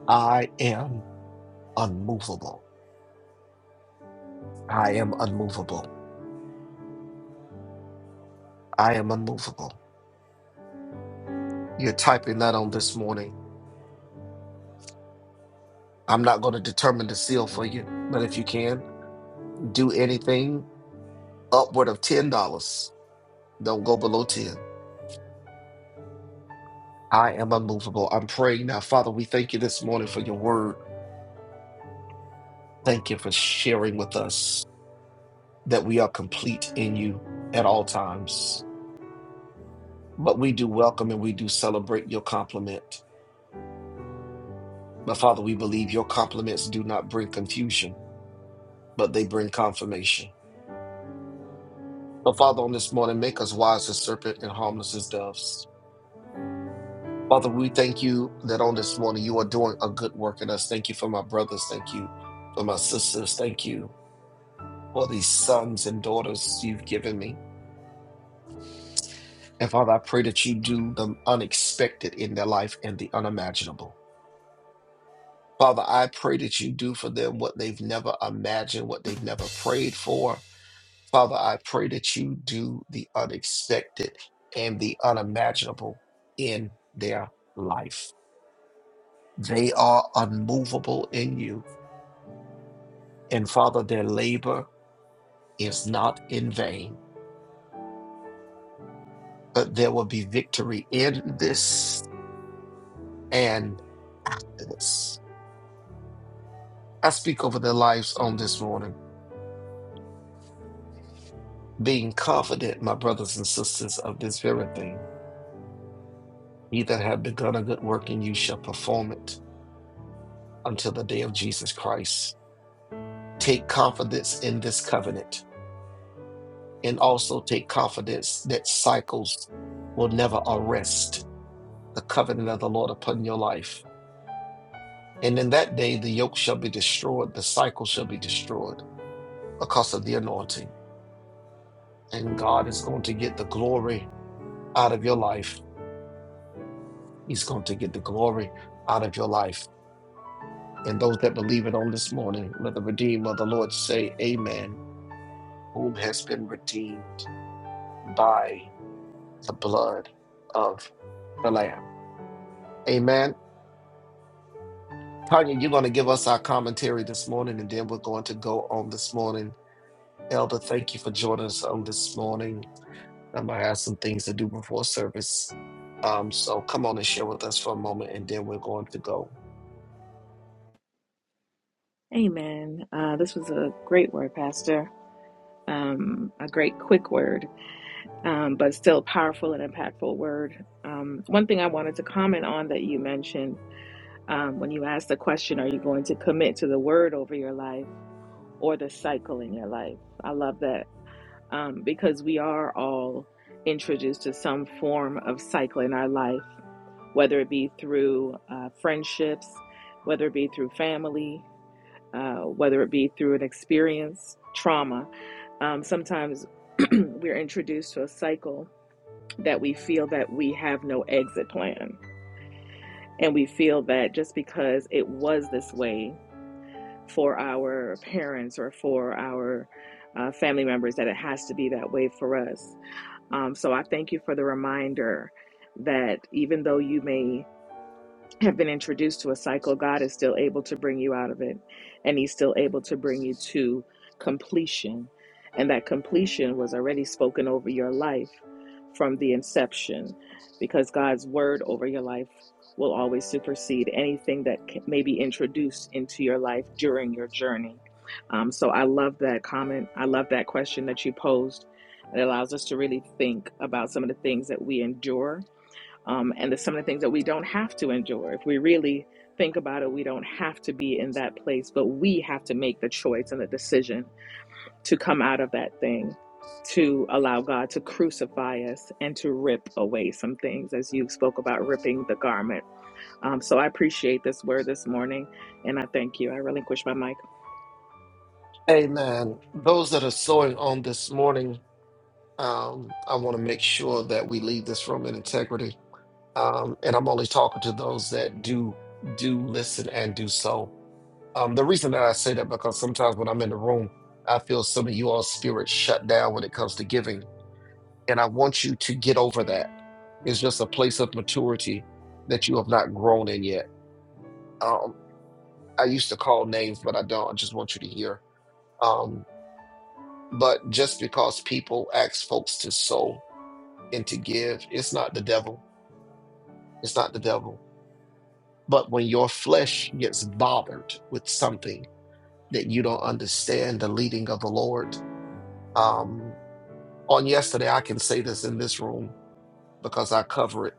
I am unmovable. I am unmovable. I am unmovable. You're typing that on this morning. I'm not going to determine the seal for you, but if you can, do anything upward of $10. Don't go below 10. I am unmovable. I'm praying now. Father, we thank you this morning for your word. Thank you for sharing with us that we are complete in you at all times. But we do welcome and we do celebrate your compliment. But Father, we believe your compliments do not bring confusion, but they bring confirmation. But Father, on this morning, make us wise as serpent and harmless as doves. Father, we thank you that on this morning you are doing a good work in us. Thank you for my brothers. Thank you for my sisters. Thank you for these sons and daughters you've given me. And Father, I pray that you do the unexpected in their life and the unimaginable. Father, I pray that you do for them what they've never imagined, what they've never prayed for. Father, I pray that you do the unexpected and the unimaginable in their life. They are unmovable in you. And Father, their labor is not in vain, but there will be victory in this and after this. I speak over their lives on this morning. being confident, my brothers and sisters, of this very thing. He that hath begun a good work in you shall perform it until the day of Jesus Christ. Take confidence in this covenant, and also take confidence that cycles will never arrest the covenant of the Lord upon your life. And in that day, the yoke shall be destroyed, the cycle shall be destroyed because of the anointing. And God is going to get the glory out of your life. He's going to get the glory out of your life and those that believe it on this morning. Let the Redeemer of the Lord say, Amen, whom has been redeemed by the blood of the Lamb. Amen. Tanya, you're going to give us our commentary this morning, and then we're going to go on this morning. Elder, thank you for joining us on this morning. I'm going to have some things to do before service. Um, so come on and share with us for a moment, and then we're going to go.
Amen. Uh, this was a great word, Pastor. Um, a great quick word, um, but still powerful and impactful word. Um, one thing I wanted to comment on that you mentioned Um, when you ask the question, are you going to commit to the word over your life or the cycle in your life? I love that um, because we are all introduced to some form of cycle in our life, whether it be through uh, friendships, whether it be through family, uh, whether it be through an experience, trauma. Um, sometimes we're introduced to a cycle that we feel that we have no exit plan and we feel that just because it was this way for our parents or for our uh, family members that it has to be that way for us. Um, so I thank you for the reminder that even though you may have been introduced to a cycle, God is still able to bring you out of it. And He's still able to bring you to completion. And that completion was already spoken over your life from the inception because God's word over your life will always supersede anything that c- may be introduced into your life during your journey. Um, so I love that comment. I love that question that you posed. It allows us to really think about some of the things that we endure um, and there's some of the things that we don't have to endure. If we really think about it, we don't have to be in that place, but we have to make the choice and the decision to come out of that thing, to allow God to crucify us and to rip away some things, as you spoke about ripping the garment. Um, so I appreciate this word this morning, and I thank you. I relinquish my mic.
Amen. Those that are sowing on this morning, Um, I want to make sure that we leave this room in integrity. Um, and I'm only talking to those that do do listen and do so. Um, the reason that I say that because sometimes when I'm in the room, I feel some of you all spirits shut down when it comes to giving, and I want you to get over that. It's just a place of maturity that you have not grown in yet. Um, I used to call names, but I don't. I just want you to hear. Um, but just because people ask folks to sow and to give, it's not the devil It's not the devil. But when your flesh gets bothered with something that you don't understand the leading of the Lord, um, on yesterday, I can say this in this room because I cover it.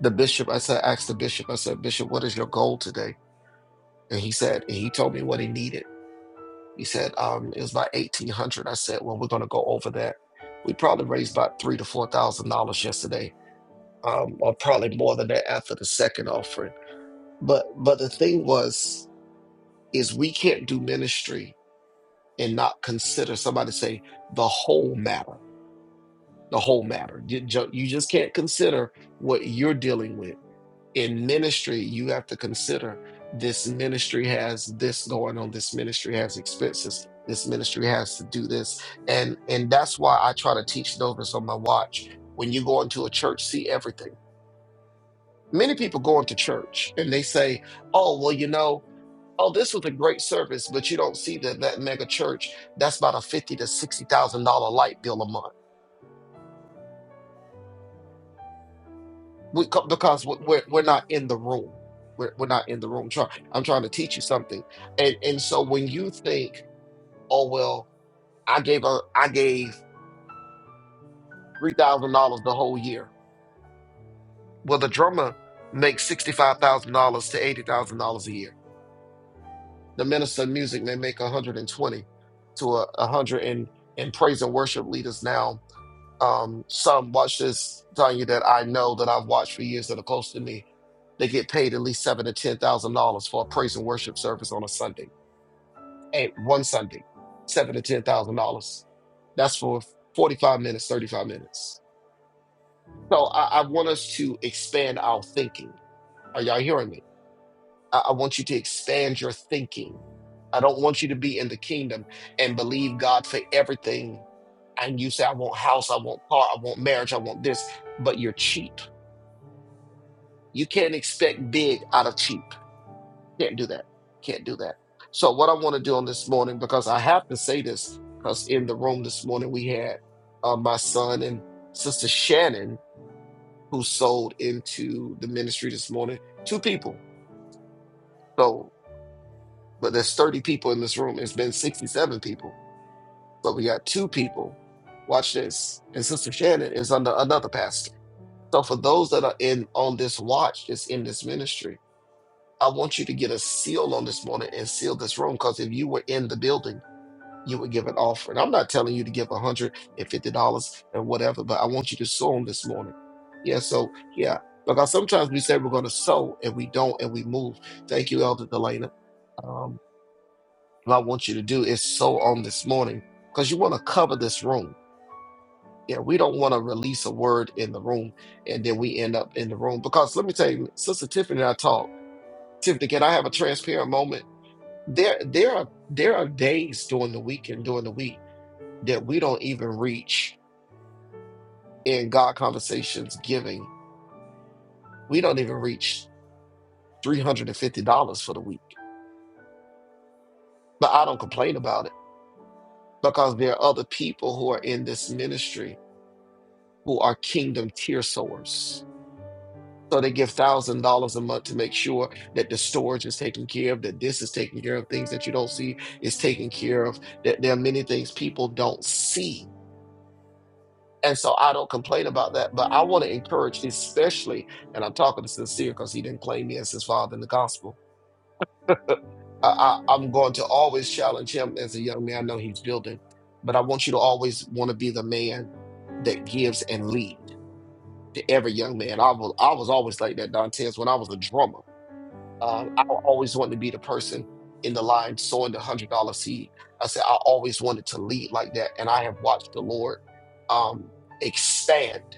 The bishop, I said, asked the bishop, I said, Bishop, what is your goal today? And he said, and he told me what he needed. He said, um, it was about 1800 I said, well, we're going to go over that. We probably raised about three to $4,000 yesterday, um, or probably more than that after the second offering. But, but the thing was, is we can't do ministry and not consider somebody say the whole matter the whole matter you ju- you just can't consider what you're dealing with in ministry you have to consider this ministry has this going on this ministry has expenses this ministry has to do this and and that's why i try to teach novice on my watch when you go into a church see everything many people go into church and they say oh well you know oh, this was a great service, but you don't see that that mega church, that's about a fifty to sixty thousand dollar light bill a month. We, co- because we- we're we're not in the room. We're, we're not in the room. Try, I'm trying to teach you something, and and so when you think, oh well, I gave a I gave three thousand dollars the whole year. Well, the drummer makes sixty five thousand dollars to eighty thousand dollars a year. The minister of music may make a hundred and twenty to a hundred and and praise and worship leaders now. um, some watch this, telling you that I know that I've watched for years that are close to me. They get paid at least seven to ten thousand dollars for a praise and worship service on a Sunday, and one Sunday, seven to ten thousand dollars. That's for forty-five minutes, thirty-five minutes. So I, I want us to expand our thinking. Are y'all hearing me? I, I want you to expand your thinking. I don't want you to be in the kingdom and believe God for everything. And you say, I want house, I want car, I want marriage, I want this, but you're cheap. You can't expect big out of cheap. Can't do that. Can't do that. So, what I want to do on this morning, because I have to say this, because in the room this morning we had uh, my son and sister Shannon, who sold into the ministry this morning, two people. So but there's 30 people in this room. It's been 67 people, but we got two people. Watch this. And Sister Shannon is under another pastor. So for those that are in on this watch, that's in this ministry, I want you to get a seal on this morning and seal this room. Because if you were in the building, you would give an offering. I'm not telling you to give $150 and fifty dollars and whatever, but I want you to sow on this morning. Yeah, so yeah. Because sometimes we say we're going to sow and we don't and we move. Thank you, Elder Delana. Um, what I want you to do is so on this morning because you want to cover this room. Yeah, we don't want to release a word in the room and then we end up in the room. Because let me tell you, Sister Tiffany and I talk. Tiffany, can I have a transparent moment? There there are there are days during the week and during the week that we don't even reach in God conversations giving. We don't even reach $350 for the week. But I don't complain about it because there are other people who are in this ministry who are kingdom tear sowers So they give thousand dollars a month to make sure that the storage is taken care of, that this is taken care of, things that you don't see is taken care of, that there are many things people don't see. And so I don't complain about that, but I want to encourage, especially, and I'm talking to Sincere because he didn't claim me as his father in the gospel. I, I, I'm going to always challenge him as a young man. I know he's building, but I want you to always want to be the man that gives and leads to every young man. I was, I was always like that, Dantes, when I was a drummer. Um, I always wanted to be the person in the line sowing the hundred dollar seed. I said I always wanted to lead like that, and I have watched the Lord um, expand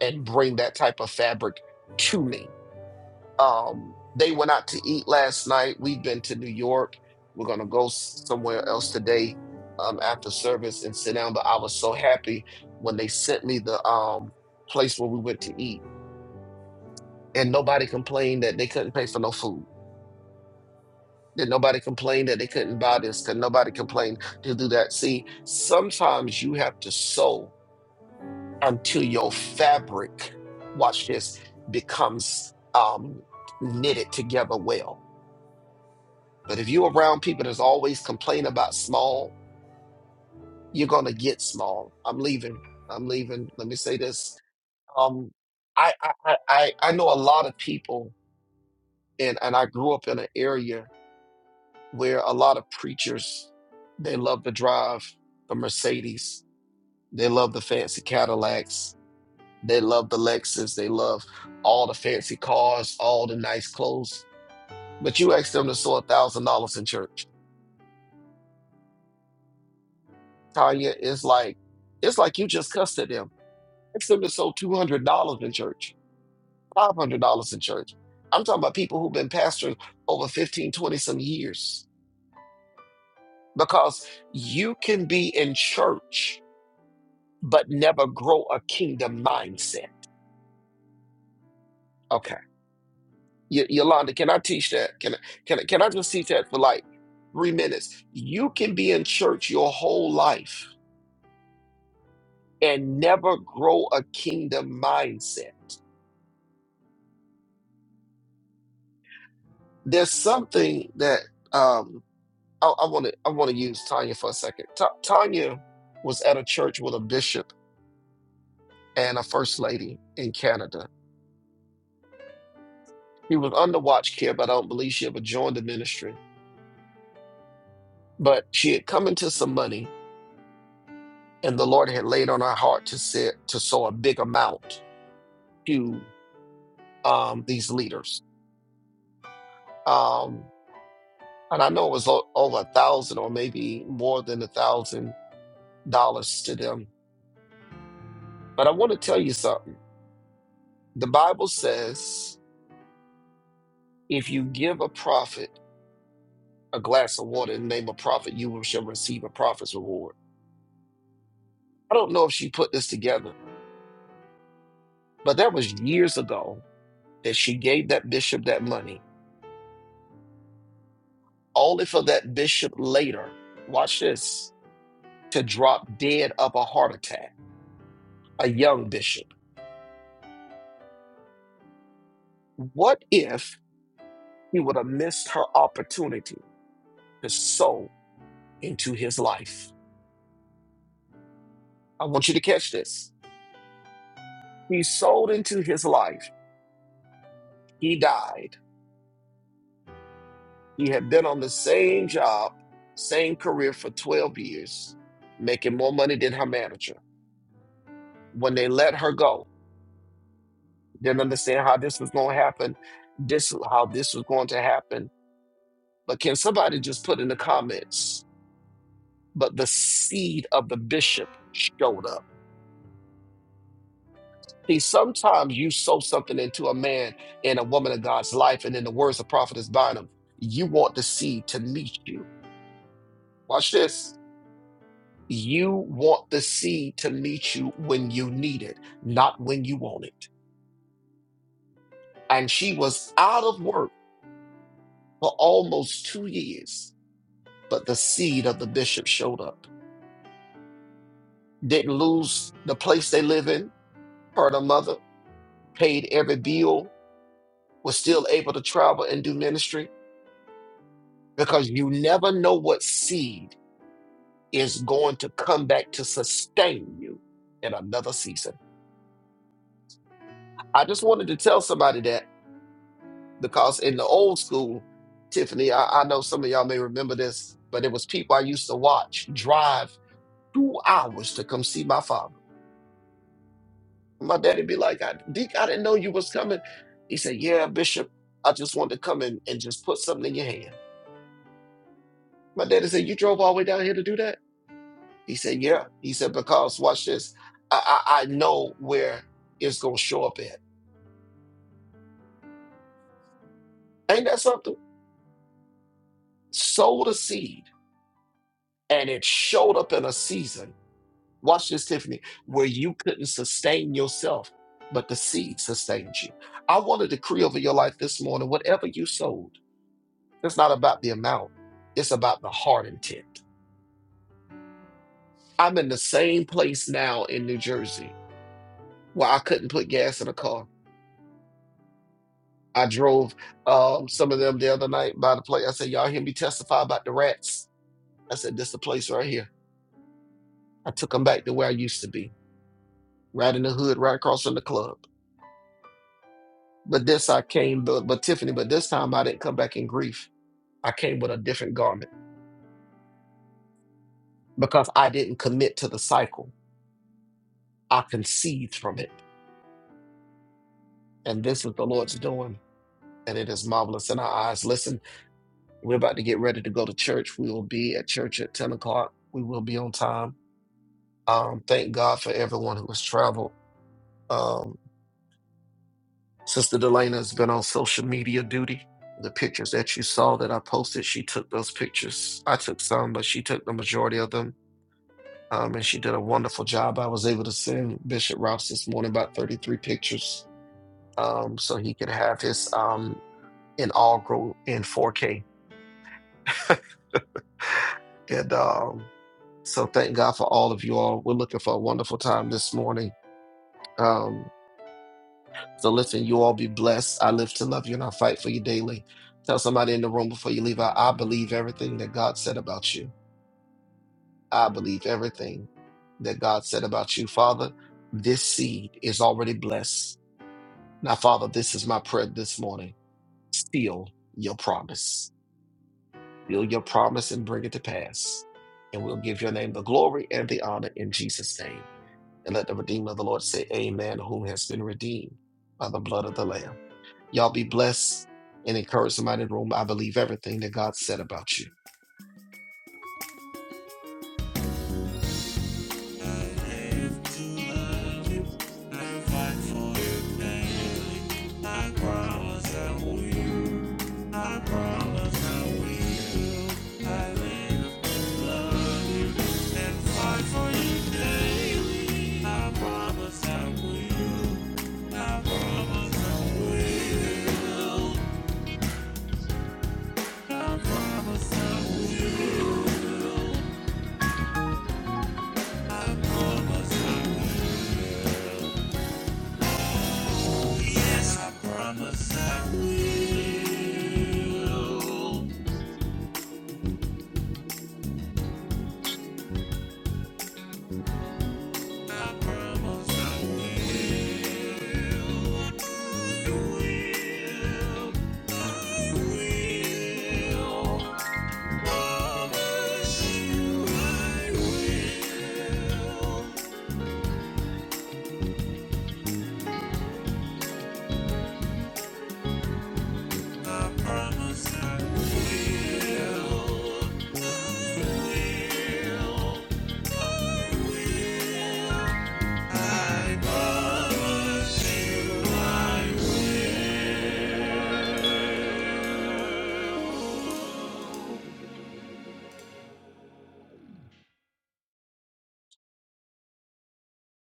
and bring that type of fabric to me. Um, they went out to eat last night. We've been to New York. We're gonna go s- somewhere else today um, after service and sit down. But I was so happy when they sent me the um, place where we went to eat, and nobody complained that they couldn't pay for no food. Did nobody complain that they couldn't buy this? Could nobody complain to do that? See, sometimes you have to sew until your fabric, watch this, becomes um, knitted together well. But if you're around people that's always complaining about small, you're gonna get small. I'm leaving. I'm leaving. Let me say this. Um, I I I I I know a lot of people, and and I grew up in an area. where a lot of preachers they love to drive the Mercedes, they love the fancy Cadillacs, they love the Lexus, they love all the fancy cars, all the nice clothes. But you ask them to sow a thousand dollars in church, Tanya, it's like it's like you just cussed at them. Ask them to sow two hundred dollars in church, five hundred dollars in church. I'm talking about people who've been pastors over 15, 20 some years because you can be in church but never grow a kingdom mindset. Okay. Y- Yolanda, can I teach that? Can I, can I, can I just teach that for like three minutes? You can be in church your whole life and never grow a kingdom mindset. There's something that um, I want to I want to use Tanya for a second. Ta- Tanya was at a church with a bishop and a first lady in Canada. He was under watch care, but I don't believe she ever joined the ministry. But she had come into some money and the Lord had laid on our heart to sit to sow a big amount to um, these leaders. Um, and I know it was o- over a thousand or maybe more than a thousand dollars to them. But I want to tell you something. The Bible says if you give a prophet a glass of water in the name of prophet, you shall receive a prophet's reward. I don't know if she put this together, but that was years ago that she gave that bishop that money, only for that bishop later. Watch this to drop dead of a heart attack, a young bishop? What if he would have missed her opportunity to sow into his life? I want you to catch this. He sold into his life. He died. He had been on the same job, same career for 12 years, making more money than her manager. When they let her go, didn't understand how this was going to happen, this how this was going to happen. But can somebody just put in the comments but the seed of the bishop showed up. See, sometimes you sow something into a man and a woman of God's life, and in the words of Prophetess Bynum, you want the seed to meet you. Watch this. You want the seed to meet you when you need it, not when you want it. And she was out of work for almost two years, but the seed of the bishop showed up. Didn't lose the place they live in, her and her mother, paid every bill, was still able to travel and do ministry because you never know what seed is going to come back to sustain you in another season. I just wanted to tell somebody that because in the old school, Tiffany, I, I know some of y'all may remember this, but it was people I used to watch drive two hours to come see my father. My daddy be like, I, Deke, I didn't know you was coming. He said, Yeah, Bishop, I just wanted to come in and just put something in your hand. My daddy said, You drove all the way down here to do that? He said, Yeah. He said, Because watch this. I, I, I know where it's going to show up at. Ain't that something? Sowed a seed and it showed up in a season. Watch this, Tiffany, where you couldn't sustain yourself, but the seed sustained you. I want to decree over your life this morning whatever you sowed, it's not about the amount, it's about the heart intent. I'm in the same place now in New Jersey where I couldn't put gas in a car. I drove um, some of them the other night by the place. I said, y'all hear me testify about the rats? I said, this the place right here. I took them back to where I used to be, right in the hood, right across from the club. But this I came, but, but Tiffany, but this time I didn't come back in grief. I came with a different garment because I didn't commit to the cycle. I conceived from it. And this is the Lord's doing. And it is marvelous in our eyes. Listen, we're about to get ready to go to church. We will be at church at 10 o'clock. We will be on time Um, thank God for everyone who has traveled. Um, Sister Delana has been on social media duty. The pictures that you saw that I posted, she took those pictures. I took some, but she took the majority of them. Um, and she did a wonderful job. I was able to send Bishop Rouse this morning about 33 pictures um, so he could have his um, inaugural in 4K. And um, so thank God for all of you all. We're looking for a wonderful time this morning. Um, So listen, you all be blessed. I live to love you and I fight for you daily. Tell somebody in the room before you leave out, I believe everything that God said about you. I believe everything that God said about you. Father, this seed is already blessed. Now, Father, this is my prayer this morning. Seal your promise. Seal your promise and bring it to pass. And we'll give your name the glory and the honor in Jesus' name. And let the Redeemer of the Lord say, Amen, whom has been redeemed by the blood of the Lamb. Y'all be blessed and encourage somebody in the room. I believe everything that God said about you. Yes, I promise I will. Promise I will. Promise you will. I promise I will. will. I promise you I will.